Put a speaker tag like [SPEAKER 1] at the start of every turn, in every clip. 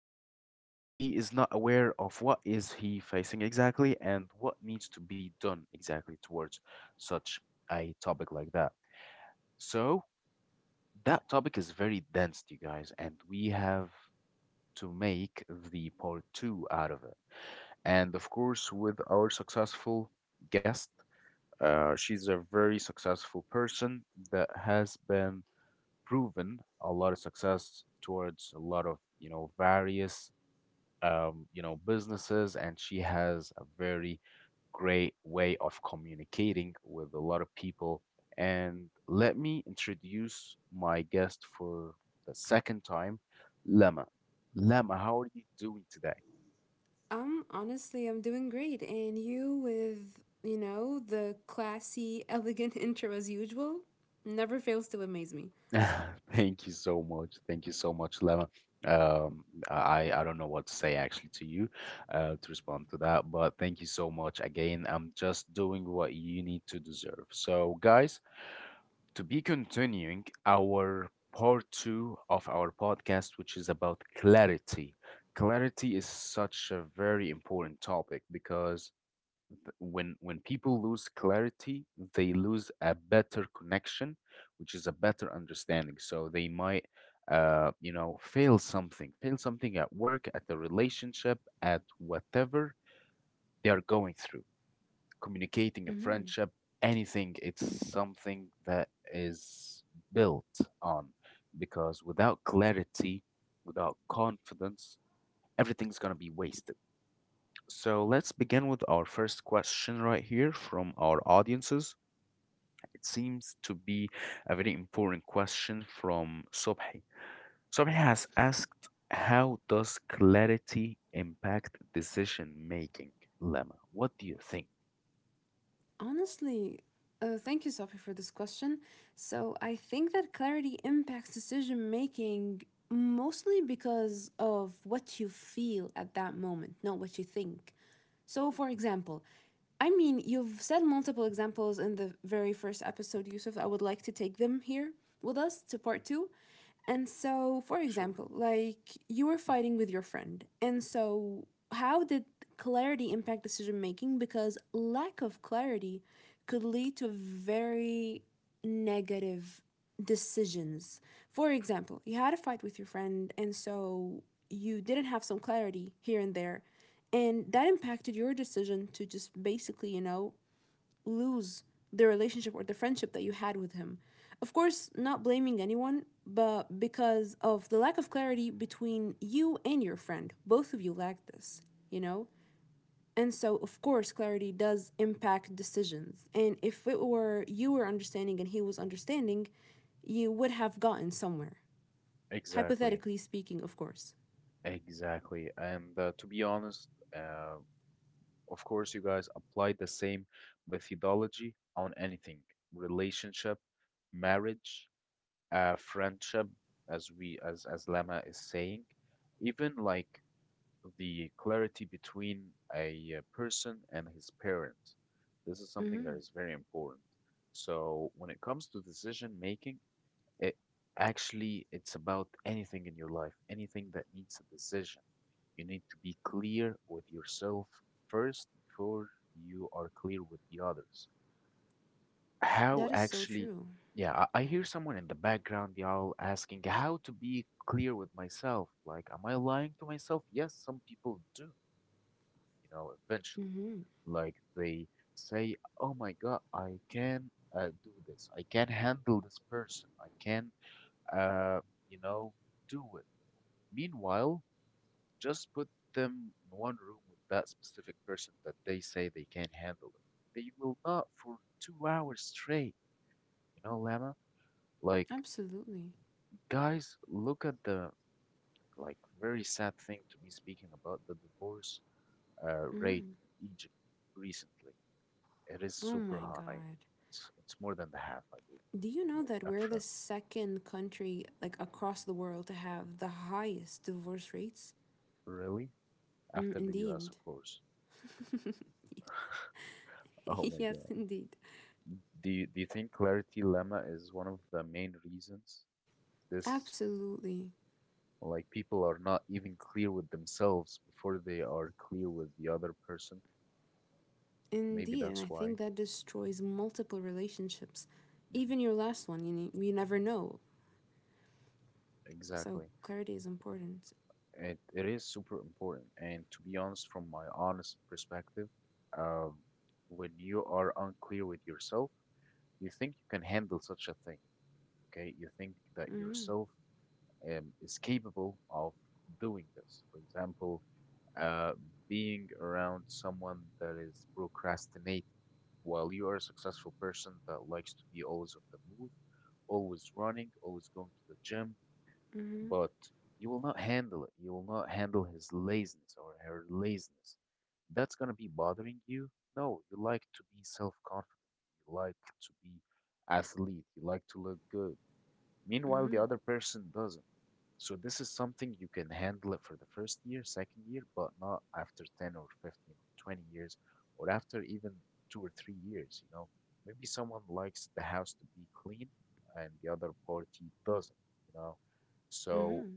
[SPEAKER 1] and he is not aware of what is he facing exactly and what needs to be done exactly towards such a topic like that. So that topic is very dense, you guys, and we have to make the part two out of it, and of course with our successful guest. She's a very successful person that has been proven a lot of success towards a lot of, you know, various businesses, and she has a very great way of communicating with a lot of people. And let me introduce my guest for the second time, Lama. Lama, how are you doing today?
[SPEAKER 2] Honestly, I'm doing great. And you with, the classy, elegant intro as usual never fails to amaze me.
[SPEAKER 1] Thank you so much. Thank you so much, Lema. Um, I don't know what to say actually to you, to respond to that, but thank you so much again. I'm just doing what you need to deserve. So, guys, to be continuing our part two of our podcast, which is about clarity. Clarity is such a very important topic because when people lose clarity, they lose a better connection, which is a better understanding. So they might, fail something at work, at the relationship, at whatever they are going through communicating, a
[SPEAKER 2] Hmm
[SPEAKER 1] friendship, anything. It's something that is built on because without clarity, without confidence, everything's going to be wasted. So let's begin with our first question right here from our audiences. It seems to be a very important question from Subhi. Subhi has asked, how does clarity impact decision making, Lemma? What do you think?
[SPEAKER 2] Honestly, thank you, Sophie, for this question. So I think that clarity impacts decision making mostly because of what you feel at that moment, not what you think. So, for example, I mean, you've said multiple examples in the very first episode, Yusuf. I would like to take them here with us to part two. And so, for
[SPEAKER 1] Sure,
[SPEAKER 2] example, like you were fighting with your friend. And so, how did clarity impact decision making? Because lack of clarity could lead to very negative decisions. For example, you had a fight with your friend, and so you didn't have some clarity here and there, and that impacted your decision to just basically, lose the relationship or the friendship that you had with him. Of course, not blaming anyone, but because of the lack of clarity between you and your friend, both of you lacked this, you know? And so, of course, clarity does impact decisions. And if it were you were understanding and he was understanding, you would have gotten somewhere.
[SPEAKER 1] exactly.
[SPEAKER 2] Hypothetically speaking, of course.
[SPEAKER 1] Exactly. And to be honest, uh, of course, you guys apply the same methodology on anything, relationship, marriage, friendship, as we as Lama is saying, even like the clarity between a person and his parent. This is something
[SPEAKER 2] Mm-hmm.
[SPEAKER 1] that is very important. So when it comes to decision making, it it's about anything in your life, anything that needs a decision. You need to be clear with yourself first before you are clear with the others. How
[SPEAKER 2] That is so
[SPEAKER 1] actually,
[SPEAKER 2] true.
[SPEAKER 1] yeah, I hear someone in the background, y'all, asking how to be clear with myself. Like, am I lying to myself? Yes, some people do, you know, eventually.
[SPEAKER 2] Mm-hmm.
[SPEAKER 1] Like, they say, oh my God, I can do this. I can handle this person. I can uh, you know, do it. Meanwhile, just put them in one room with that specific person that they say they can handle it. They will not for 2 hours straight, you know, Lama. Like,
[SPEAKER 2] Absolutely.
[SPEAKER 1] guys, look at the like very sad thing to be speaking about the divorce rate
[SPEAKER 2] Mm-hmm.
[SPEAKER 1] in Egypt recently. It is
[SPEAKER 2] Oh
[SPEAKER 1] super
[SPEAKER 2] my
[SPEAKER 1] high.
[SPEAKER 2] God.
[SPEAKER 1] It's more than the half, I
[SPEAKER 2] Do you
[SPEAKER 1] believe.
[SPEAKER 2] know
[SPEAKER 1] Like
[SPEAKER 2] that we're the
[SPEAKER 1] Afrin,
[SPEAKER 2] second country, like across the world, to have the highest divorce rates?
[SPEAKER 1] really?
[SPEAKER 2] Mm,
[SPEAKER 1] After the US,
[SPEAKER 2] indeed.
[SPEAKER 1] of course. Oh my
[SPEAKER 2] yes,
[SPEAKER 1] God.
[SPEAKER 2] indeed.
[SPEAKER 1] Do you think clarity, Lemma, is one of the main reasons this,
[SPEAKER 2] Absolutely.
[SPEAKER 1] like people are not even clear with themselves before they are clear with the other person? Maybe
[SPEAKER 2] Indeed, and I
[SPEAKER 1] that's why.
[SPEAKER 2] think that destroys multiple relationships.
[SPEAKER 1] Hmm
[SPEAKER 2] Even your last one. You you never know. So
[SPEAKER 1] Exactly.
[SPEAKER 2] clarity is important.
[SPEAKER 1] It is super important. And to be honest, from my honest perspective, um, when you are unclear with yourself, you think you can handle such a thing, okay? You think that
[SPEAKER 2] Mm-hmm,
[SPEAKER 1] yourself is capable of doing this. For example, uh, being around someone that is procrastinating. While you are a successful person that likes to be always on the move, always running, always going to the gym,
[SPEAKER 2] mm-hmm,
[SPEAKER 1] but you will not handle it. You will not handle his laziness or her laziness. That's going to be bothering you. No, you like to be self confident. You like to be athlete. You like to look good. Meanwhile, the
[SPEAKER 2] mm-hmm,
[SPEAKER 1] other person doesn't. So this is something you can handle for the first year, second year, but not after 10 or 15 or 20 years or after even 2 or 3 years, you know. Maybe someone likes the house to be clean and the other party doesn't, you know. So
[SPEAKER 2] mm-hmm.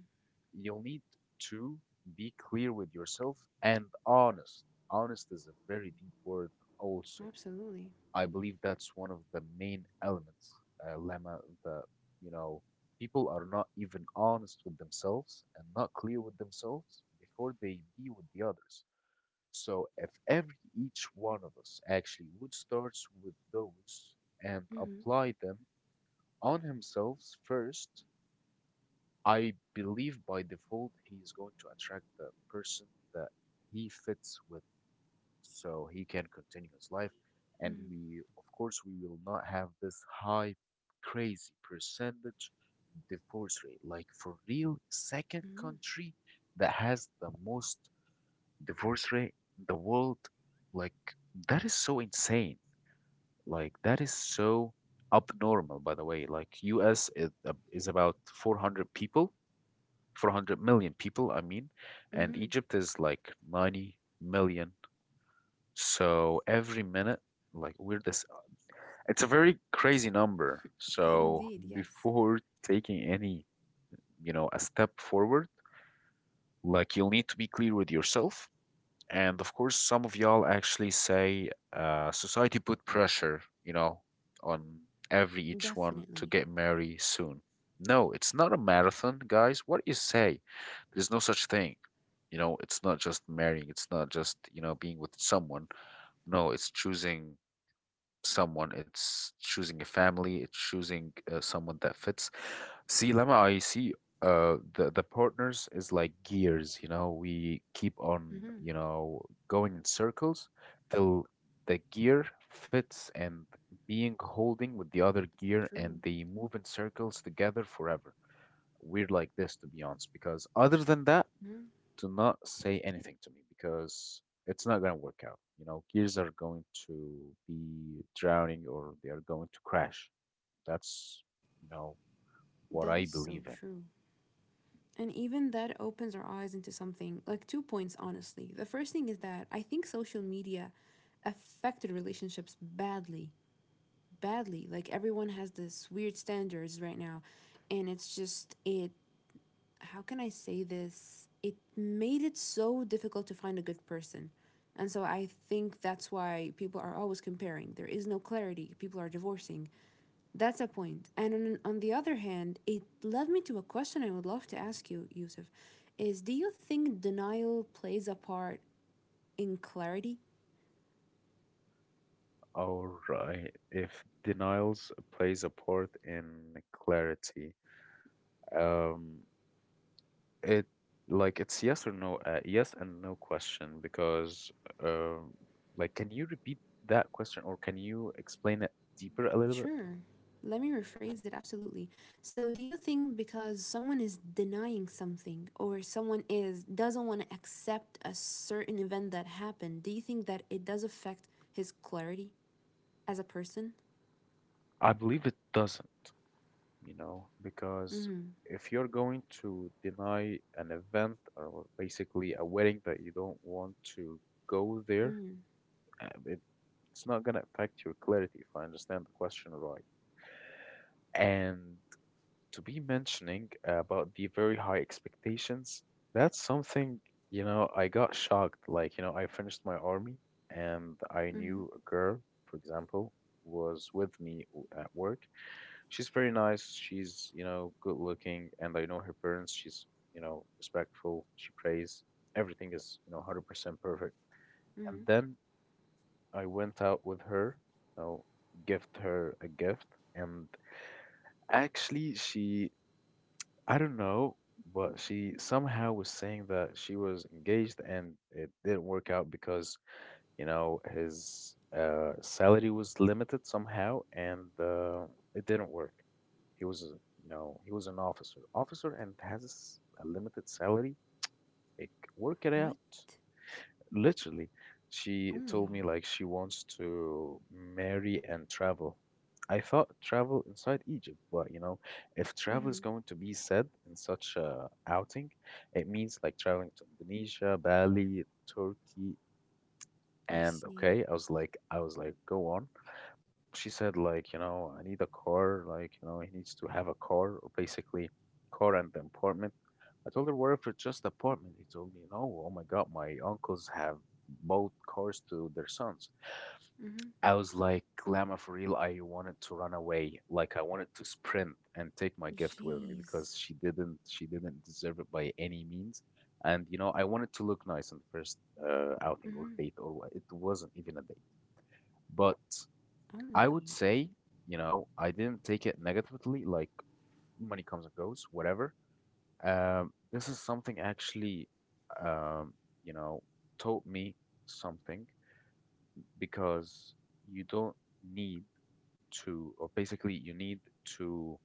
[SPEAKER 1] you'll need to be clear with yourself and honest. Honest is a very deep word also.
[SPEAKER 2] Absolutely.
[SPEAKER 1] I believe that's one of the main elements, Lama, that, you know, people are not even honest with themselves and not clear with themselves before they be with the others. So if every each one of us actually would start with those and
[SPEAKER 2] Mm-hmm,
[SPEAKER 1] apply them on himself first, I believe by default he is going to attract the person that he fits with so he can continue his life. And
[SPEAKER 2] mm-hmm,
[SPEAKER 1] we, of course, we will not have this high, crazy percentage divorce rate. Like for real, second
[SPEAKER 2] mm-hmm,
[SPEAKER 1] country that has the most divorce rate in the world, like that is so insane. Like that is so abnormal, by the way. Like U.S. Is about 400 people, 400 million people, I mean, and
[SPEAKER 2] mm-hmm.
[SPEAKER 1] Egypt is like 90 million, so every minute, like we're this, it's a very crazy number. So
[SPEAKER 2] Indeed, yes.
[SPEAKER 1] before taking any, you know, a step forward, like you'll need to be clear with yourself. And of course, some of y'all actually say society put pressure, you know, on every each one to
[SPEAKER 2] Definitely.
[SPEAKER 1] get married soon. No, it's not a marathon, guys. What do you say? There's no such thing. You know, it's not just marrying, it's not just, you know, being with someone. No, it's choosing someone, it's choosing a family, it's choosing someone that fits. See, Lama, I see the partners is like gears, you know, we keep on,
[SPEAKER 2] Mm-hmm,
[SPEAKER 1] you know, going in circles till the gear fits and being holding with the other gear
[SPEAKER 2] true.
[SPEAKER 1] and they move in circles together forever. We're like this to be honest, because other than that,
[SPEAKER 2] Mm-hmm.
[SPEAKER 1] do not say anything to me because it's not going to work out. You know, gears are going to be drowning or they are going to crash. That's, you know, what
[SPEAKER 2] That
[SPEAKER 1] I
[SPEAKER 2] is so
[SPEAKER 1] believe in.
[SPEAKER 2] true. And even that opens our eyes into something like two points, honestly. The first thing is that I think social media affected relationships badly. Badly.
[SPEAKER 1] Mhm.
[SPEAKER 2] Like everyone has this weird standards right now, and it's just it. How can I say this? It made it so difficult to find a good person. And so I think that's why people are always comparing. There is no clarity. People are divorcing. That's a point. And on the other hand, it led me to a question I would love to ask you, Yusuf. Is do you think denial plays a part in clarity?
[SPEAKER 1] All right. If denials plays a part in clarity, um, It like it's yes or no, yes and no question because um, like can you repeat that question or can you explain it deeper a little bit?
[SPEAKER 2] Sure. Let me rephrase it. Absolutely. So, do you think because someone is denying something or someone is doesn't want to accept a certain event that happened, do you think that it does affect his clarity as a person?
[SPEAKER 1] I believe it doesn't, you know, because
[SPEAKER 2] Mhm.
[SPEAKER 1] if you're going to deny an event or basically a wedding that you don't want to go there,
[SPEAKER 2] Mhm.
[SPEAKER 1] uh, it, it's not gonna affect your clarity if I understand the question right. And to be mentioning about the very high expectations, that's something, you know, I got shocked. Like, you know, I finished my army and I knew
[SPEAKER 2] Mhm.
[SPEAKER 1] a girl, for example, was with me at work. She's very nice. She's, you know, good looking. And I know her parents. She's, you know, respectful. She prays. Everything is, you know, 100% perfect. And
[SPEAKER 2] Mhm.
[SPEAKER 1] then I went out with her, you know, gift her a gift. And actually, she I don't know, but she somehow was saying that she was engaged and it didn't work out because, you know, his salary was limited somehow and it didn't work. He was, you know, he was an officer, officer and has a limited salary. Like, work it out.
[SPEAKER 2] What?
[SPEAKER 1] Literally, she
[SPEAKER 2] Oh my
[SPEAKER 1] told me
[SPEAKER 2] god.
[SPEAKER 1] like she wants to marry and travel. I thought travel inside Egypt, but you know, if travel is
[SPEAKER 2] Mhm.
[SPEAKER 1] going to be said in such a outing, it means like traveling to Indonesia, Bali, Turkey,
[SPEAKER 2] I
[SPEAKER 1] and okay,
[SPEAKER 2] see.
[SPEAKER 1] go on. She said like, you know, I need a car, like, you know, he needs to have a car, or basically car and the apartment. I told her, what if it's just apartment? He told me, no, oh my God, my uncles have both cars to their sons.
[SPEAKER 2] Mhm.
[SPEAKER 1] I was like, Lama, for real, I wanted to run away, like I wanted to sprint and take my gift with me because
[SPEAKER 2] Jeez.
[SPEAKER 1] she didn't deserve it by any means. And you know, I wanted to look nice on the first outing or
[SPEAKER 2] Mhm.
[SPEAKER 1] date, or what, it wasn't even a date, but
[SPEAKER 2] Oh
[SPEAKER 1] I
[SPEAKER 2] my
[SPEAKER 1] would
[SPEAKER 2] god.
[SPEAKER 1] say, you know, I didn't take it negatively, like money comes and goes, whatever. This is something actually, um, you know, taught me something because you don't need to, or basically, you need to,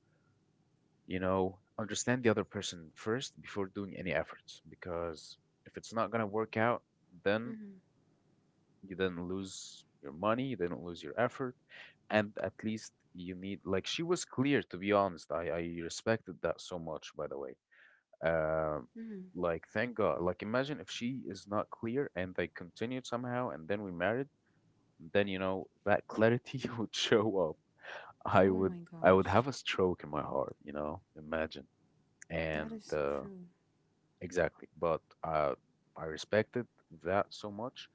[SPEAKER 1] you know, understand the other person first before doing any efforts. Because if it's not gonna work out, then
[SPEAKER 2] Mhm.
[SPEAKER 1] you didn't lose your money, you didn't lose your effort, and at least you need like she was clear to be honest. I respected that so much, by the way. Um,
[SPEAKER 2] Mhm.
[SPEAKER 1] like thank God. Like imagine if she is not clear and they continued somehow, and then we married, then you know that clarity would show up. I
[SPEAKER 2] Oh
[SPEAKER 1] would
[SPEAKER 2] my
[SPEAKER 1] I would have a
[SPEAKER 2] gosh.
[SPEAKER 1] stroke in my heart, you know. Imagine
[SPEAKER 2] That
[SPEAKER 1] and
[SPEAKER 2] is so true.
[SPEAKER 1] exactly, but I respected that so much,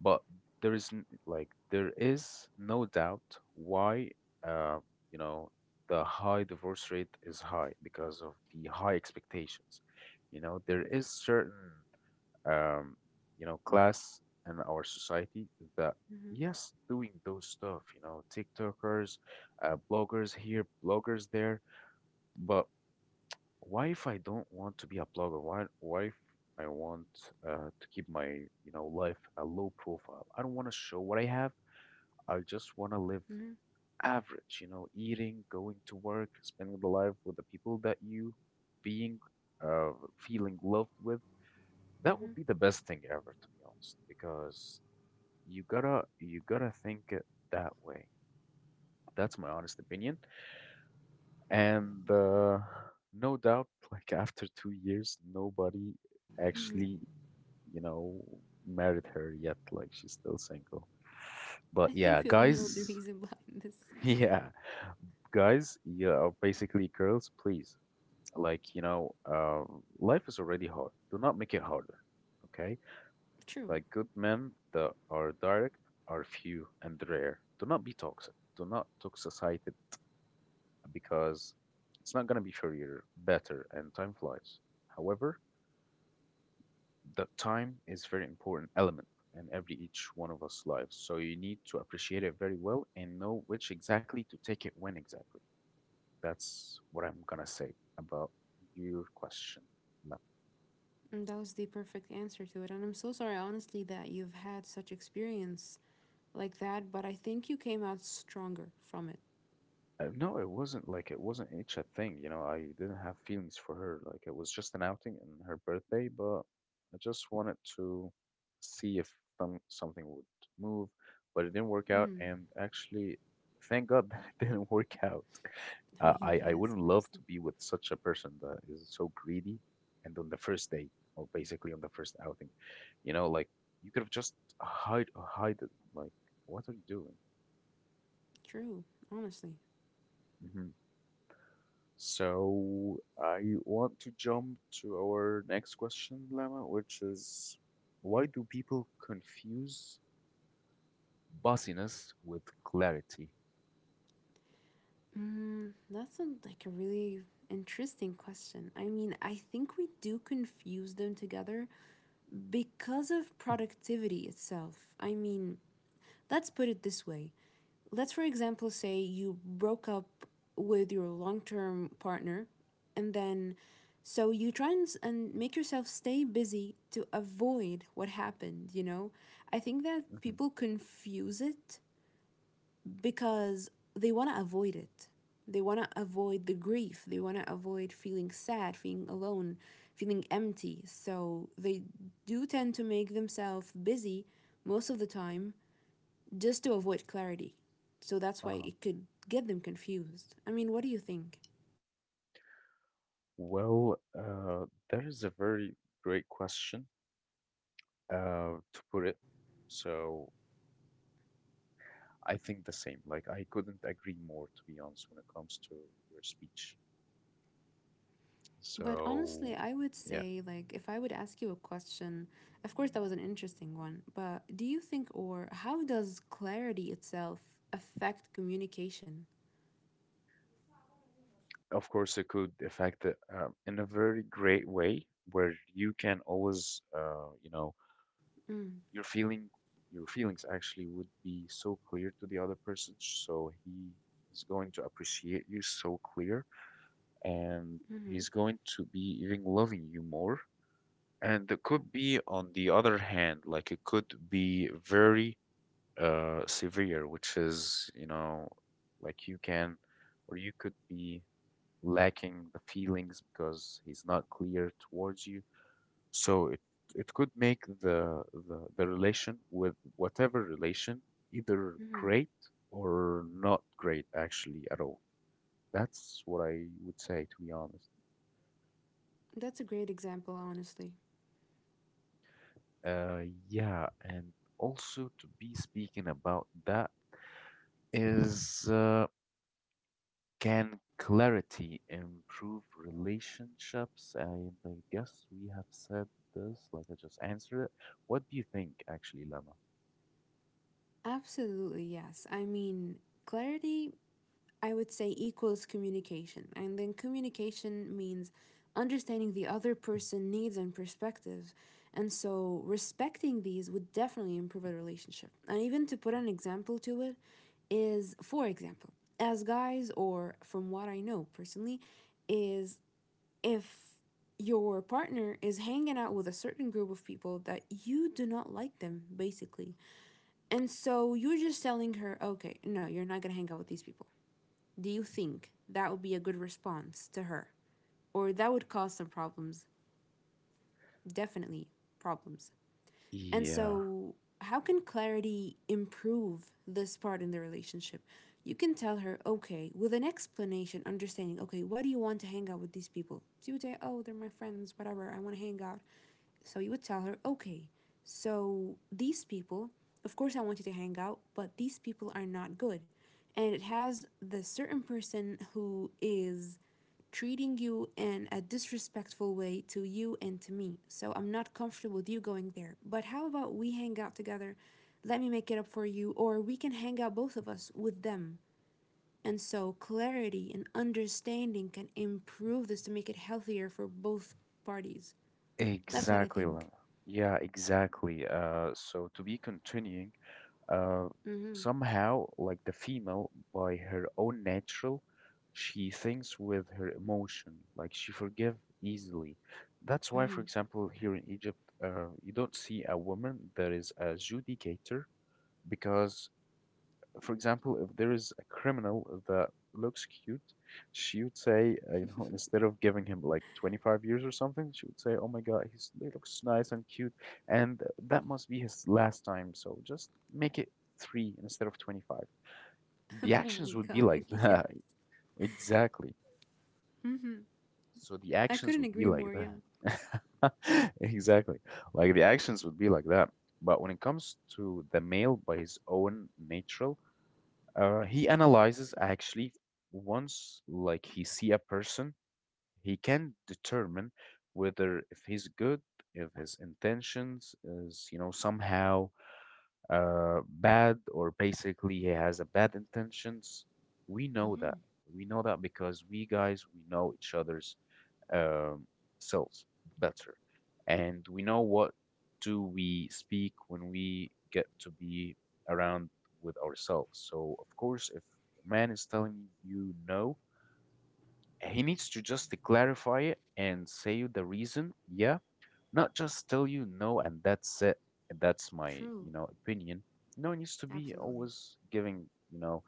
[SPEAKER 1] but there is like there is no doubt why, uh, you know, the high divorce rate is high because of the high expectations. You know there is certain, um, you know, class in our society that,
[SPEAKER 2] Mhm.
[SPEAKER 1] yes, doing those stuff, you know, tiktokers, bloggers here, bloggers there. But why if I don't want to be a blogger? Why if I want, to keep my, you know, life a low profile? I don't want to show what I have. I just want to live
[SPEAKER 2] Mhm.
[SPEAKER 1] average, you know, eating, going to work, spending the life with the people that you being uh, feeling loved with. That
[SPEAKER 2] Mhm.
[SPEAKER 1] would be the best thing ever, to be honest, because you gotta think it that way. That's my honest opinion. And no doubt, like after 2 years, nobody
[SPEAKER 2] Mhm.
[SPEAKER 1] actually, you know, married her yet. Like she's still single.
[SPEAKER 2] I
[SPEAKER 1] But
[SPEAKER 2] think
[SPEAKER 1] yeah,
[SPEAKER 2] we all know the
[SPEAKER 1] guys,
[SPEAKER 2] reason behind this.
[SPEAKER 1] yeah, guys, yeah, or basically girls, please. Like, you know, life is already hard. Do not make it harder. Okay?
[SPEAKER 2] True.
[SPEAKER 1] Like good men that are direct are few and rare. Do not be toxic. Do not toxicite because it's not going to be shorter, better, and time flies. However, the time is very important element in every each one of us lives. So you need to appreciate it very well and know which exactly to take it when exactly. That's what I'm gonna say about your question.
[SPEAKER 2] And that was the perfect answer to it. And I'm so sorry, honestly, that you've had such experience like that, but I think you came out stronger from it.
[SPEAKER 1] No, it wasn't like it wasn't each a thing, you know. I didn't have feelings for her. Like it was just an outing and her birthday, but I just wanted to see if something would move, but it didn't work out.
[SPEAKER 2] Hmm.
[SPEAKER 1] And actually, thank God that it didn't work out.
[SPEAKER 2] I
[SPEAKER 1] Uh,
[SPEAKER 2] mean,
[SPEAKER 1] I I
[SPEAKER 2] yes,
[SPEAKER 1] wouldn't love
[SPEAKER 2] honestly.
[SPEAKER 1] to be with such a person that is so greedy, and on the first date or basically on the first outing, you know, like you could have just hide it. Like, what are you doing?
[SPEAKER 2] True, honestly.
[SPEAKER 1] Mhm. So I want to jump to our next question, Lama, which is why do people confuse bossiness with clarity?
[SPEAKER 2] That's a, like a really interesting question. I mean, I think we do confuse them together because of productivity itself. I mean, let's put it this way. Let's, for example, say you broke up with your long term partner, and then so you try and make yourself stay busy to avoid what happened, you know? I think that
[SPEAKER 1] Hmm.
[SPEAKER 2] people confuse it because they want to avoid it. They want to avoid the grief. They want to avoid feeling sad, feeling alone, feeling empty. So they do tend to make themselves busy most of the time just to avoid clarity. So that's why
[SPEAKER 1] Uh-huh.
[SPEAKER 2] it could get them confused. I mean, what do you think?
[SPEAKER 1] Well, that is a very great question, to put it. So I think the same. Like I couldn't agree more, to be honest, when it comes to your speech.
[SPEAKER 2] But honestly,
[SPEAKER 1] So,
[SPEAKER 2] I would
[SPEAKER 1] yeah,
[SPEAKER 2] say, like, if I would ask you a question, of course, that was an interesting one, but do you think, or how does clarity itself affect communication?
[SPEAKER 1] of course, it could affect it in a very great way where you can always, you know,
[SPEAKER 2] Mm,
[SPEAKER 1] your feeling, your feelings actually would be so clear to the other person, so he is going to appreciate you so clear, and
[SPEAKER 2] mm-hmm,
[SPEAKER 1] he's going to be even loving you more. And it could be, on the other hand, like it could be very severe, which is, you know, like you can, or you could be lacking the feelings because he's not clear towards you. So it could make the relation with whatever relation either
[SPEAKER 2] mm-hmm.
[SPEAKER 1] great or not great actually at all. That's what I would say to be honest.
[SPEAKER 2] That's a great example, honestly.
[SPEAKER 1] Yeah, and also to be speaking about that is can clarity improve relationships? And I guess we have said this, like I just answered it. What do you think, actually, Lama?
[SPEAKER 2] Absolutely, yes. I mean, clarity I would say equals communication. And then communication means understanding the other person needs and perspectives. And so respecting these would definitely improve a relationship. And even to put an example to it is for example, as guys or from what I know personally is if your partner is hanging out with a certain group of people that you do not like them, basically. And so you're just telling her, okay, no, you're not gonna hang out with these people. Do you think that would be a good response to her? Or that would cause some problems? Definitely problems. And
[SPEAKER 1] Yeah,
[SPEAKER 2] so, how can clarity improve this part in the relationship? You can tell her, okay, with an explanation, understanding, okay, why do you want to hang out with these people? She would say, oh, they're my friends, whatever, I want to hang out. So you would tell her, okay, so these people, of course, I want you to hang out, but these people are not good. And it has the certain person who is treating you in a disrespectful way to you and to me. So I'm not comfortable with you going there. But how about we hang out together? Let me make it up for you, or we can hang out both of us with them. And so clarity and understanding can improve this to make it healthier for both parties. That's what I
[SPEAKER 1] exactly,
[SPEAKER 2] think.
[SPEAKER 1] Lama. Yeah, exactly. So to be continuing, uh,
[SPEAKER 2] Mm-hmm.
[SPEAKER 1] somehow, like the female, by her own natural, she thinks with her emotion, like she forgive easily. That's why,
[SPEAKER 2] Mm-hmm.
[SPEAKER 1] for example, here in Egypt, you don't see a woman that is a judicator because, for example, if there is a criminal that looks cute, she would say, you know, instead of giving him like 25 years or something, she would say, "Oh my God, he's, he looks nice and cute, and that must be his last time. So just make it three instead of 25." The
[SPEAKER 2] Oh
[SPEAKER 1] actions
[SPEAKER 2] my
[SPEAKER 1] would be
[SPEAKER 2] God.
[SPEAKER 1] like
[SPEAKER 2] Yeah.
[SPEAKER 1] that, exactly.
[SPEAKER 2] Hmm.
[SPEAKER 1] So the
[SPEAKER 2] I
[SPEAKER 1] actions
[SPEAKER 2] couldn't
[SPEAKER 1] would be
[SPEAKER 2] agree
[SPEAKER 1] like
[SPEAKER 2] more. Yeah.
[SPEAKER 1] that. Exactly. Like the actions would be like that. But when it comes to the male by his own natural, he analyzes actually once like he see a person, he can determine whether if he's good, if his intentions is, you know, somehow bad or basically he has a bad intentions. We know that.
[SPEAKER 2] Mm-hmm.
[SPEAKER 1] We know that because we guys we know each other's um, selves better. And we know what do we speak when we get to be around with ourselves. So of course, if a man is telling you no, he needs to just clarify it and say you the reason, yeah, not just tell you no and that's it. That's my,
[SPEAKER 2] True.
[SPEAKER 1] you know, opinion. No, it needs to be
[SPEAKER 2] Absolutely.
[SPEAKER 1] always giving, you know,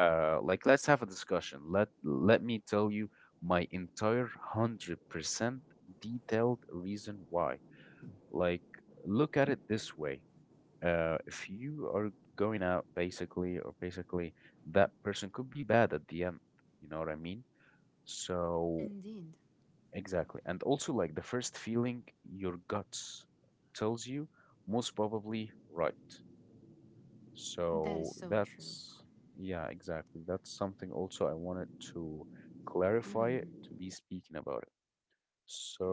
[SPEAKER 1] like let's have a discussion. Let me tell you my entire 100% detailed reason why, like, look at it this way. If you are going out basically or basically that person could be bad at the end, you know what I mean? So
[SPEAKER 2] Indeed.
[SPEAKER 1] exactly, and also like the first feeling, your guts tells you most probably right.
[SPEAKER 2] That is
[SPEAKER 1] So
[SPEAKER 2] so true.
[SPEAKER 1] that's, yeah, exactly. That's something also I wanted to clarify it, to be speaking about it.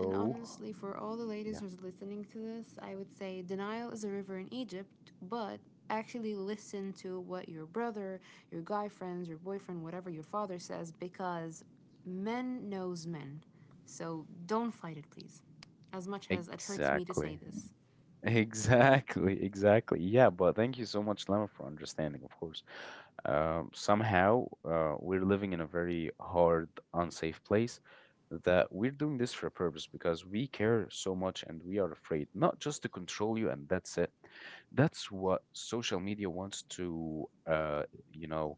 [SPEAKER 2] And honestly, for all the ladies
[SPEAKER 1] yeah,
[SPEAKER 2] who's listening to this, I would say denial is a river in Egypt, but actually listen to what your brother, your guy friends, your boyfriend, whatever your father says because men knows men. So don't fight it, please. As much as it hurts me to
[SPEAKER 1] exactly.
[SPEAKER 2] say this.
[SPEAKER 1] Exactly, exactly. Yeah, but thank you so much, Lemon, for understanding, of course. Somehow, we're living in a very hard, unsafe place that we're doing this for a purpose because we care so much and we are afraid, not just to control you and that's it. That's what social media wants to, you know,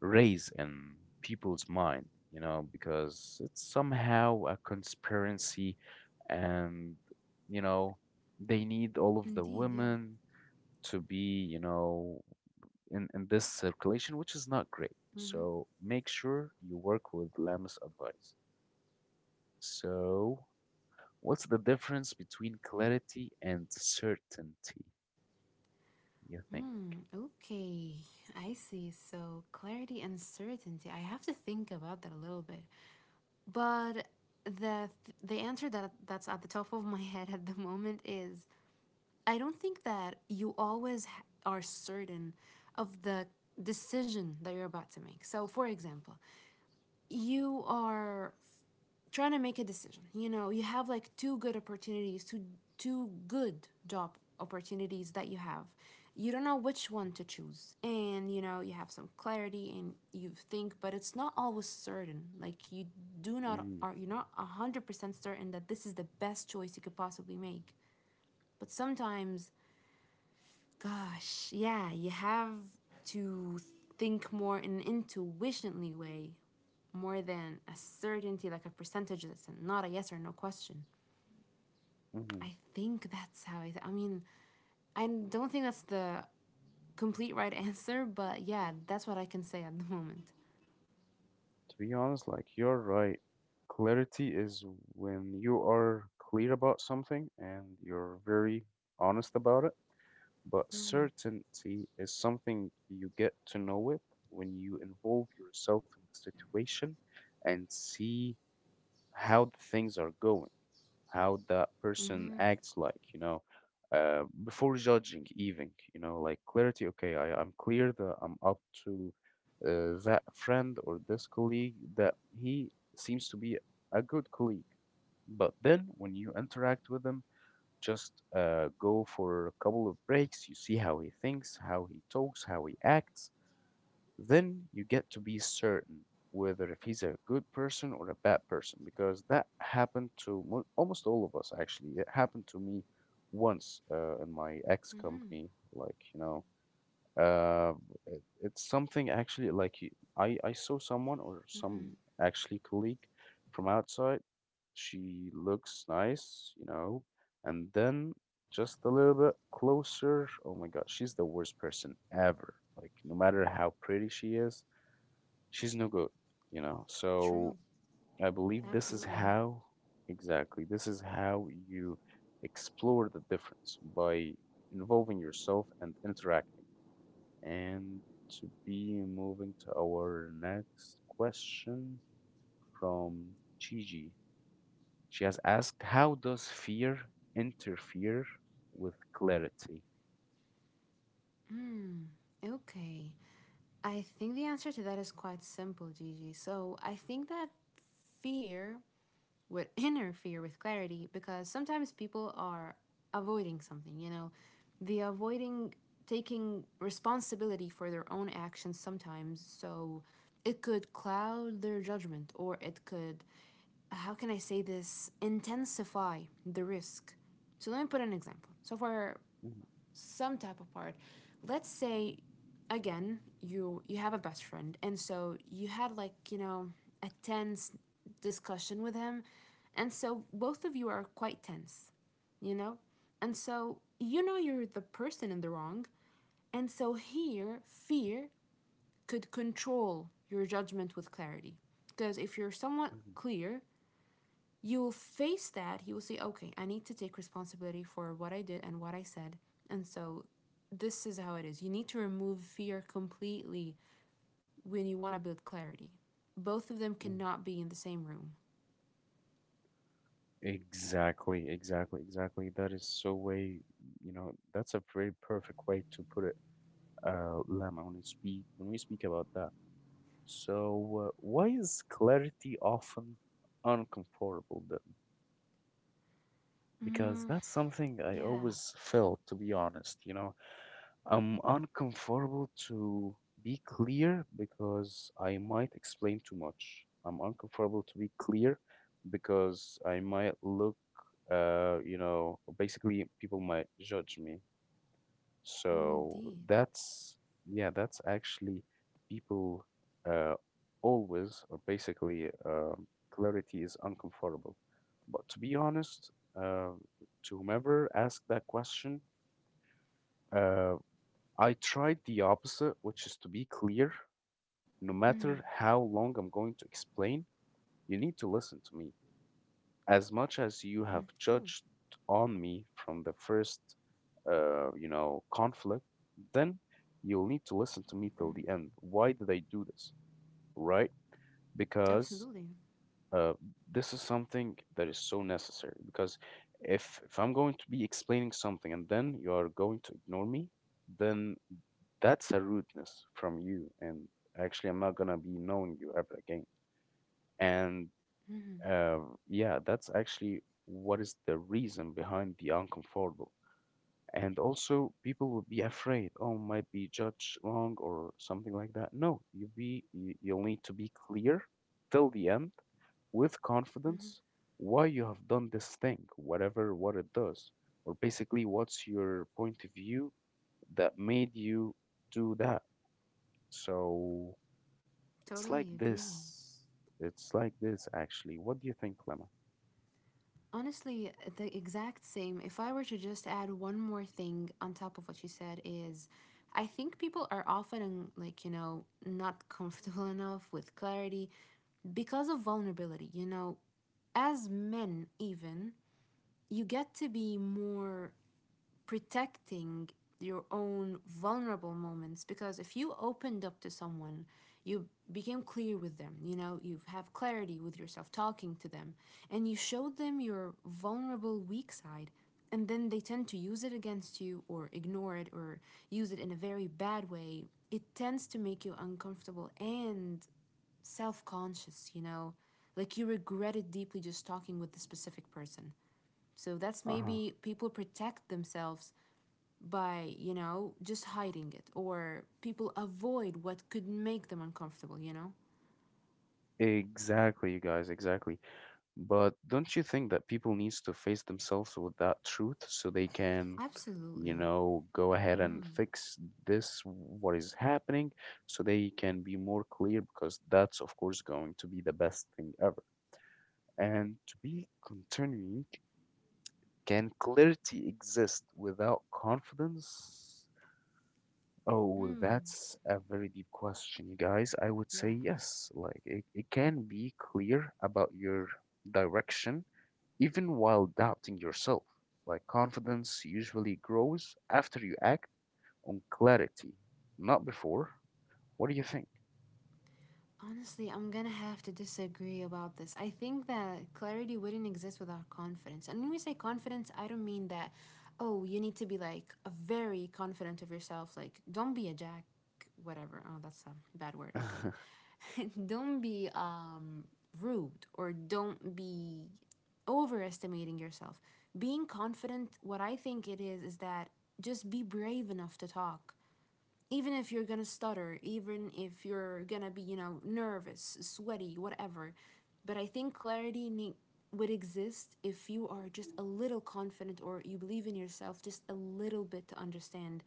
[SPEAKER 1] raise in people's mind, you know, because it's somehow a conspiracy and, you know, they need all of the
[SPEAKER 2] Indeed, yeah.
[SPEAKER 1] women to be, you know, in this circulation, which is not great.
[SPEAKER 2] Mm-hmm.
[SPEAKER 1] So make sure you work with Lam's advice. So, what's the difference between clarity and certainty, you think?
[SPEAKER 2] Okay, I see. So, clarity and certainty. I have to think about that a little bit. But the answer that's at the top of my head at the moment is I don't think that you always ha- are certain of the decision that you're about to make. So, for example, you are trying to make a decision. You know, you have like two good opportunities, two good job opportunities that you have. You don't know which one to choose. And you know, you have some clarity and you think, but it's not always certain. Like you do not are
[SPEAKER 1] Mm,
[SPEAKER 2] you're not 100% certain that this is the best choice you could possibly make. But sometimes gosh, yeah, you have to think more in an intuitionally way more than a certainty, like a percentage that's not a yes or no question.
[SPEAKER 1] mhm.
[SPEAKER 2] I think that's how I mean, I don't think that's the complete right answer, but yeah, that's what I can say at the moment.
[SPEAKER 1] To be honest, like you're right. Clarity is when you are clear about something and you're very honest about it. But certainty is something you get to know it when you involve yourself in the situation and see how the things are going, how that person
[SPEAKER 2] Mm-hmm.
[SPEAKER 1] acts like, you know, before judging, even, you know, like clarity. Okay, I'm clear that I'm up to that friend or this colleague that he seems to be a good colleague. But then when you interact with them, just go for a couple of breaks. You see how he thinks, how he talks, how he acts. Then you get to be certain whether if he's a good person or a bad person, because that happened to almost all of us, actually. It happened to me once in my ex
[SPEAKER 2] Mm-hmm.
[SPEAKER 1] company. Like, you know, uh, it's something actually like I saw someone or
[SPEAKER 2] Mm-hmm.
[SPEAKER 1] some actually colleague from outside. She looks nice, you know, and then just a little bit closer. Oh my God, she's the worst person ever. Like no matter how pretty she is, she's no good, you know.
[SPEAKER 2] True.
[SPEAKER 1] So I believe this is
[SPEAKER 2] Absolutely.
[SPEAKER 1] how exactly this is how you explore the difference by involving yourself and interacting. And to be moving to our next question from Gigi. She has asked, how does fear interfere with clarity?
[SPEAKER 2] Okay. I think the answer to that is quite simple, Gigi. So I think that fear would interfere with clarity because sometimes people are avoiding something, you know, they're avoiding taking responsibility for their own actions sometimes. So it could cloud their judgment or it could, how can I say this, intensify the risk. So let me put an example. So for
[SPEAKER 1] Mhm,
[SPEAKER 2] some type of part. Let's say again, you have a best friend and so you had like, you know, a tense discussion with him and so both of you are quite tense, you know? And so you know you're the person in the wrong, and so here fear could control your judgment with clarity. Because if you're somewhat
[SPEAKER 1] mhm,
[SPEAKER 2] clear, you'll face that. You will say, okay, I need to take responsibility for what I did and what I said. And so this is how it is. You need to remove fear completely when you want to build clarity. Both of them
[SPEAKER 1] mhm.
[SPEAKER 2] cannot be in the same room.
[SPEAKER 1] Exactly, exactly, exactly. That is so way, you know, that's a very perfect way to put it, Lama, when we speak about that. So, why is clarity often uncomfortable then? Because that's something I
[SPEAKER 2] Yeah,
[SPEAKER 1] always felt, to be honest. You know, I'm uncomfortable to be clear because I might explain too much. I'm uncomfortable to be clear because I might look, you know, basically people might judge me. So
[SPEAKER 2] indeed.
[SPEAKER 1] that's, yeah, that's actually people uh, always, or basically, clarity is uncomfortable. But to be honest, to whomever asked that question, uh, I tried the opposite, which is to be clear. No matter
[SPEAKER 2] Mm-hmm.
[SPEAKER 1] how long I'm going to explain, you need to listen to me, as much as you have
[SPEAKER 2] True.
[SPEAKER 1] judged on me from the first you know, conflict. Then you'll need to listen to me till the end why did I do this, right? Because
[SPEAKER 2] Absolutely.
[SPEAKER 1] uh, this is something that is so necessary because if I'm going to be explaining something and then you are going to ignore me, then that's a rudeness from you and actually I'm not going to be knowing you ever again. And, yeah, that's actually what is the reason behind the uncomfortable. And also, people will be afraid, oh, might be judged wrong or something like that. No, you be you, you'll need to be clear till the end with confidence why you have done this thing, whatever what it does, or basically what's your point of view that made you do that. So it's like
[SPEAKER 2] Totally agree.
[SPEAKER 1] this. It's like this actually. What do you think, Lemma?
[SPEAKER 2] Honestly, the exact same. If I were to just add one more thing on top of what you said is I think people are often like, you know, not comfortable enough with clarity because of vulnerability, you know, as men even, you get to be more protecting your own vulnerable moments because if you opened up to someone you became clear with them, you know, you have clarity with yourself talking to them and you showed them your vulnerable weak side and then they tend to use it against you or ignore it or use it in a very bad way. It tends to make you uncomfortable and self-conscious, you know, like you regret it deeply just talking with the specific person. So that's
[SPEAKER 1] Uh-huh.
[SPEAKER 2] maybe people protect themselves by, you know, just hiding it or people avoid what could make them uncomfortable, you know?
[SPEAKER 1] Exactly, you guys, exactly. But don't you think that people needs to face themselves with that truth so they can, you
[SPEAKER 2] Absolutely.
[SPEAKER 1] know, go ahead and fix this, what is happening, so they can be more clear because that's of course going to be the best thing ever. And to be continuing, can clarity exist without confidence? Oh,
[SPEAKER 2] Mm.
[SPEAKER 1] that's a very deep question, you guys. I would say
[SPEAKER 2] Yeah.
[SPEAKER 1] yes. Like it can be clear about your direction even while doubting yourself. Like confidence usually grows after you act on clarity, not before. What do you think?
[SPEAKER 2] Honestly, I'm gonna have to disagree about this. I think that clarity wouldn't exist without confidence. And when we say confidence, I don't mean that, oh, you need to be like a very confident of yourself. Like, don't be a jack, whatever. Oh, that's a bad word. Okay. Don't be rude or don't be overestimating yourself. Being confident, what I think it is that just be brave enough to talk even if you're gonna stutter, even if you're gonna be, you know, nervous, sweaty, whatever. But I think would exist if you are just a little confident or you believe in yourself just a little bit to understand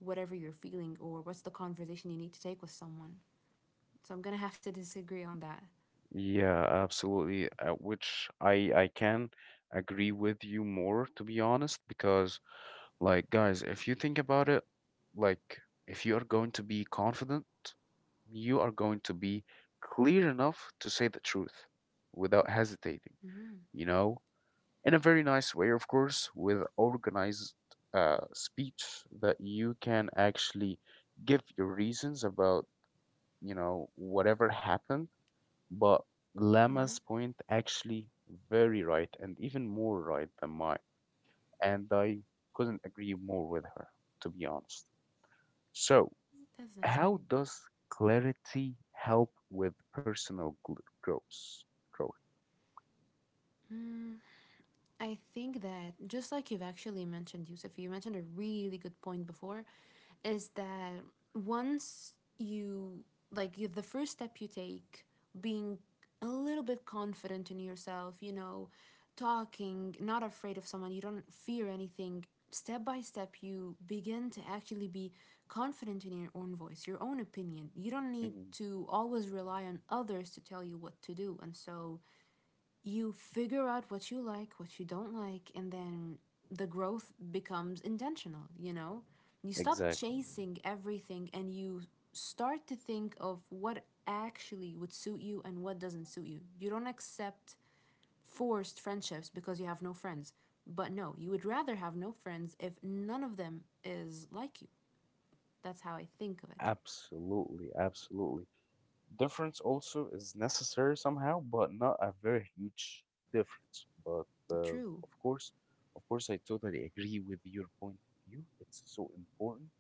[SPEAKER 2] whatever you're feeling or what's the conversation you need to take with someone. So I'm gonna have to disagree on that.
[SPEAKER 1] Yeah, absolutely. Which I can agree with you more, to be honest, because like, guys, if you think about it, like, if you are going to be confident, you are going to be clear enough to say the truth without hesitating, you know, in a very nice way, of course, with organized speech that you can actually give your reasons about, whatever happened. But
[SPEAKER 2] Mm-hmm.
[SPEAKER 1] Lama's point actually very right and even more right than mine, and I couldn't agree more with her, to be honest. So,
[SPEAKER 2] That's nice of
[SPEAKER 1] how
[SPEAKER 2] you.
[SPEAKER 1] does clarity help with personal growth? Growth.
[SPEAKER 2] I think that just like you've actually mentioned, Yusuf, you mentioned a really good point before, is that once you like you, the first step you take, being a little bit confident in yourself, you know, talking, not afraid of someone, you don't fear anything. Step by step, you begin to actually be confident in your own voice, your own opinion. You don't need
[SPEAKER 1] Mhm.
[SPEAKER 2] to always rely on others to tell you what to do, and so you figure out what you like, what you don't like, and then the growth becomes intentional, you know? You stop
[SPEAKER 1] Exactly.
[SPEAKER 2] chasing everything and you start to think of what actually would suit you and what doesn't suit you. You don't accept forced friendships because you have no friends. But no, you would rather have no friends if none of them is like you. That's how I think of it.
[SPEAKER 1] Absolutely. Absolutely. Difference also is necessary somehow, but not a very huge difference. But
[SPEAKER 2] True.
[SPEAKER 1] of course, of course, I totally agree with your point of view. It's so important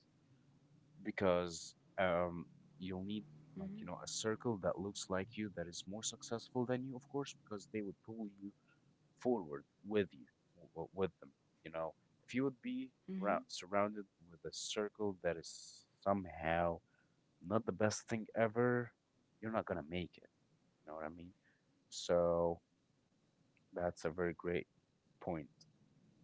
[SPEAKER 1] because um, you'll need, like, a circle that looks like you that is more successful than you, of course, because they would pull you forward with you with them. You know, if you would be surrounded with a circle that is somehow not the best thing ever, you're not gonna make it. You know what I mean? So that's a very great point.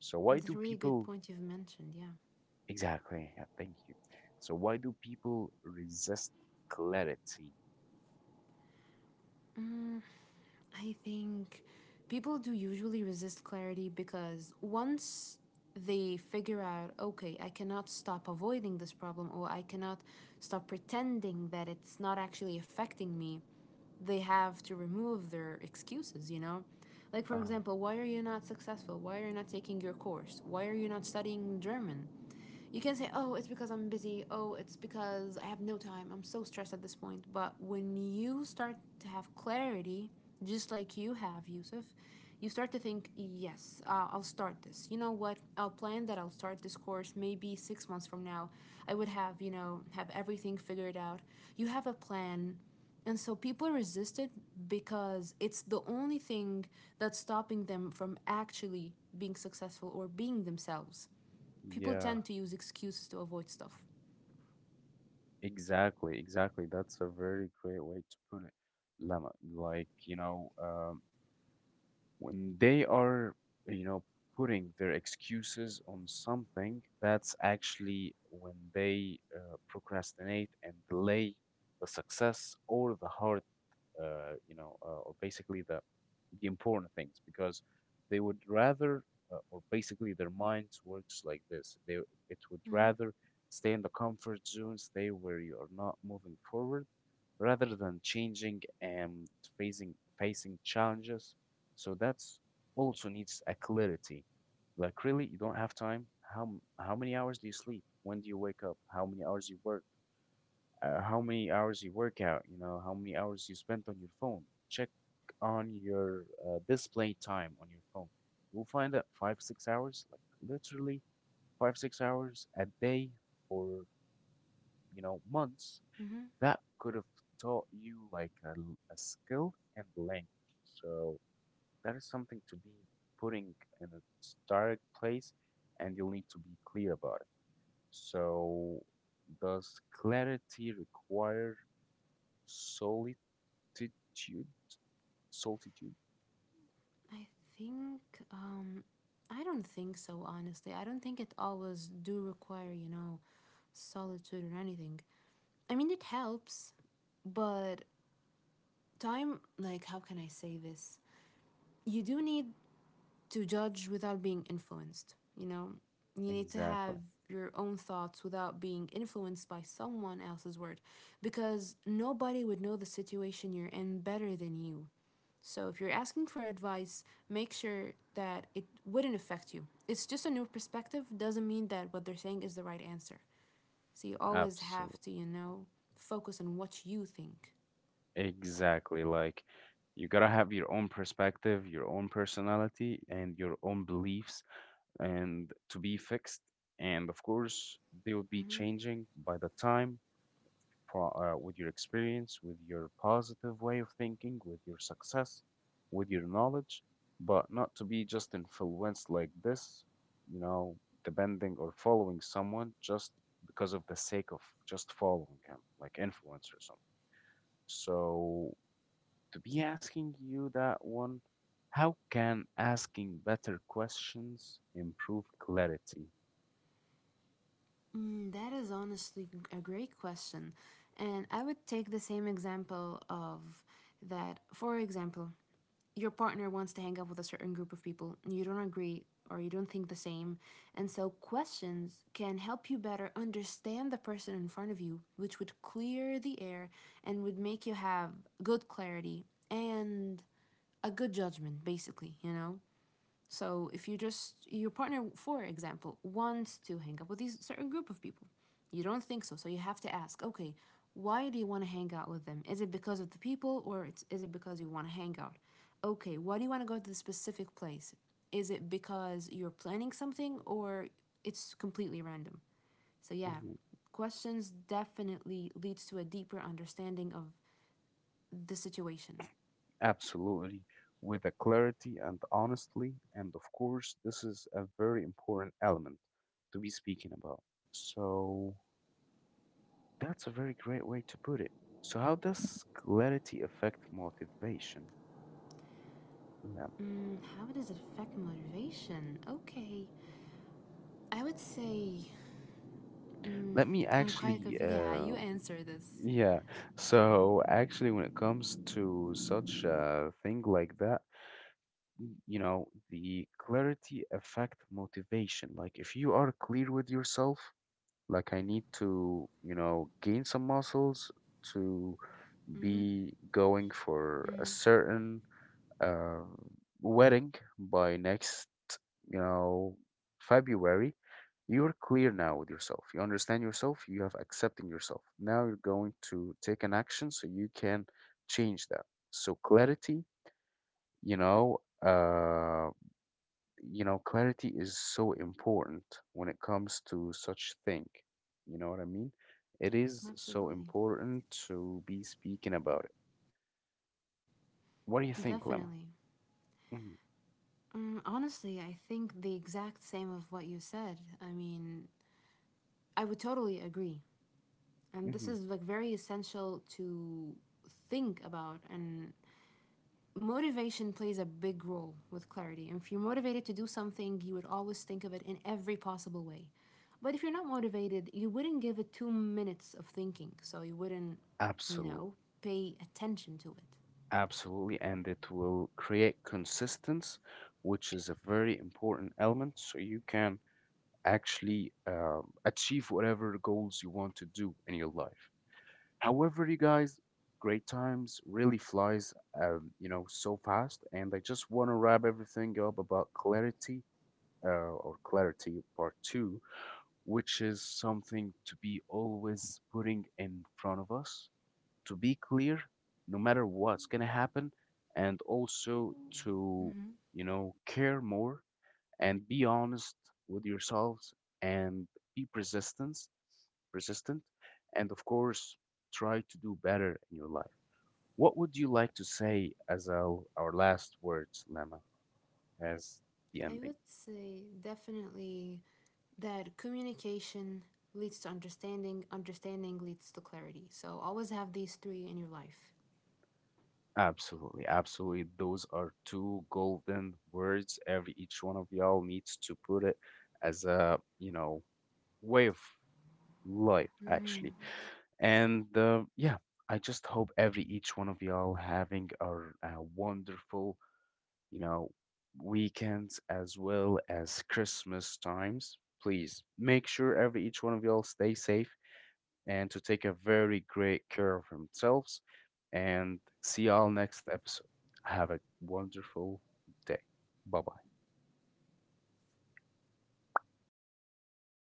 [SPEAKER 1] So why
[SPEAKER 2] That's a
[SPEAKER 1] do
[SPEAKER 2] really good
[SPEAKER 1] people
[SPEAKER 2] point you've mentioned, yeah.
[SPEAKER 1] exactly? Yeah, thank you. So why do people resist clarity?
[SPEAKER 2] Mm. I think people do usually resist clarity because once they figure out, okay, I cannot stop avoiding this problem or I cannot stop pretending that it's not actually affecting me, they have to remove their excuses, you know? Like, for
[SPEAKER 1] Uh-huh.
[SPEAKER 2] example, why are you not successful? Why are you not taking your course? Why are you not studying German? You can say, oh, it's because I'm busy. Oh, it's because I have no time. I'm so stressed at this point. But when you start to have clarity, just like you have, Yusuf, you start to think, yes, I'll start this. You know what? I'll plan that I'll start this course maybe 6 months from now. I would have, you know, have everything figured out. You have a plan. And so people resist it because it's the only thing that's stopping them from actually being successful or being themselves people
[SPEAKER 1] Yeah,
[SPEAKER 2] tend to use excuses to avoid stuff.
[SPEAKER 1] exactly, exactly. That's a very great way to put it. Lama, like, when they are, you know, putting their excuses on something, that's actually when they procrastinate and delay the success or the hard, or basically the important things because they would rather or basically their minds works like this, they it would
[SPEAKER 2] Mm-hmm.
[SPEAKER 1] rather stay in the comfort zone, stay where you are not moving forward rather than changing and facing challenges. So that's also needs a clarity. Like, really, you don't have time. How many hours do you sleep? When do you wake up? How many hours you work? How many hours you work out, how many hours you spent on your phone. Check on your display time on your phone. You'll find that 5, 6 hours, like literally 5, 6 hours a day for, months,
[SPEAKER 2] Mm-hmm.
[SPEAKER 1] that could have taught you like a skill and language. So that is something to be putting in its direct place, and you'll need to be clear about it. So does clarity require solely altitude, solitude.
[SPEAKER 2] I think um, I don't think so. Honestly, I don't think it always do require you know solitude or anything. I mean, it helps, but time like how can I say this? You do need to judge without being influenced. You know, you need to have
[SPEAKER 1] Exactly.
[SPEAKER 2] your own thoughts without being influenced by someone else's word because nobody would know the situation you're in better than you. So if you're asking for advice, make sure that it wouldn't affect you. It's just a new perspective, doesn't mean that what they're saying is the right answer. So you always have
[SPEAKER 1] Absolutely.
[SPEAKER 2] to, you know, focus on what you think.
[SPEAKER 1] Exactly. Like, you gotta have your own perspective, your own personality, and your own beliefs, and to be fixed. And of course, they will be
[SPEAKER 2] Mm-hmm.
[SPEAKER 1] changing by the time with your experience, with your positive way of thinking, with your success, with your knowledge, but not to be just influenced like this, you know, depending or following someone just because of the sake of just following him, like influence or something. So, to be asking you that one, how can asking better questions improve clarity?
[SPEAKER 2] Mm, that is honestly a great question. And I would take the same example of that. For example, your partner wants to hang out with a certain group of people and you don't agree or you don't think the same. And so questions can help you better understand the person in front of you, which would clear the air and would make you have good clarity and a good judgment, basically, you know? So if you just your partner, for example, wants to hang out with these certain group of people, you don't think so. So you have to ask, okay, why do you want to hang out with them? Is it because of the people, is it because you want to hang out? Okay, why do you want to go to this specific place? Is it because you're planning something, or it's completely random? So yeah, questions definitely leads to a deeper understanding of the situation.
[SPEAKER 1] Absolutely. With a clarity and honestly, and of course, this is a very important element to be speaking about. So that's a very great way to put it. So how does clarity affect motivation? Um,
[SPEAKER 2] Mm, how does it affect motivation? Okay. I would say, mm,
[SPEAKER 1] Let me
[SPEAKER 2] I'm quite
[SPEAKER 1] actually,
[SPEAKER 2] confused. Yeah, you answer this.
[SPEAKER 1] yeah. So actually, when it comes to such a thing like that, the clarity affect motivation. Like, if you are clear with yourself. Like, I need to, gain some muscles to
[SPEAKER 2] Hmm.
[SPEAKER 1] be going for a
[SPEAKER 2] Hmm.
[SPEAKER 1] certain uh, wedding by next, you know, February. You're clear now with yourself. You understand yourself. You have accepting yourself. Now you're going to take an action so you can change that. So clarity, you know, uh, you know, clarity is so important when it comes to such thing. You know what I mean? It is so
[SPEAKER 2] Absolutely.
[SPEAKER 1] important to be speaking about it. What do you think, Lemma?
[SPEAKER 2] Definitely.
[SPEAKER 1] Hmm.
[SPEAKER 2] Mm, honestly, I think the exact same of what you said. I mean, I would totally agree. And this
[SPEAKER 1] Hmm.
[SPEAKER 2] is like very essential to think about and motivation plays a big role with clarity. And if you're motivated to do something, you would always think of it in every possible way. But if you're not motivated, you wouldn't give it 2 minutes of thinking. So you wouldn't, you
[SPEAKER 1] Absolutely,
[SPEAKER 2] know, pay attention to it.
[SPEAKER 1] absolutely, and it will create consistency, which is a very important element, so you can actually achieve whatever goals you want to do in your life. However, you guys, great times really flies, so fast. And I just want to wrap everything up about clarity, or clarity part two, which is something to be always putting in front of us, to be clear, no matter what's gonna happen, and also to,
[SPEAKER 2] Mm-hmm.
[SPEAKER 1] care more and be honest with yourselves and be persistent, persistent, and of course try to do better in your life. What would you like to say as our last words, Lama, as the
[SPEAKER 2] I
[SPEAKER 1] ending?
[SPEAKER 2] would say definitely that communication leads to understanding, understanding leads to clarity. So always have these three in your life.
[SPEAKER 1] Absolutely, absolutely, those are two golden words every each one of y'all needs to put it as a way of life,
[SPEAKER 2] Mm-hmm.
[SPEAKER 1] actually. And yeah, I just hope every each one of y'all having a, wonderful, you know, weekends as well as Christmas times. Please make sure every each one of y'all stay safe and to take a very great care of themselves. And see y'all next episode. Have a wonderful day. Bye bye.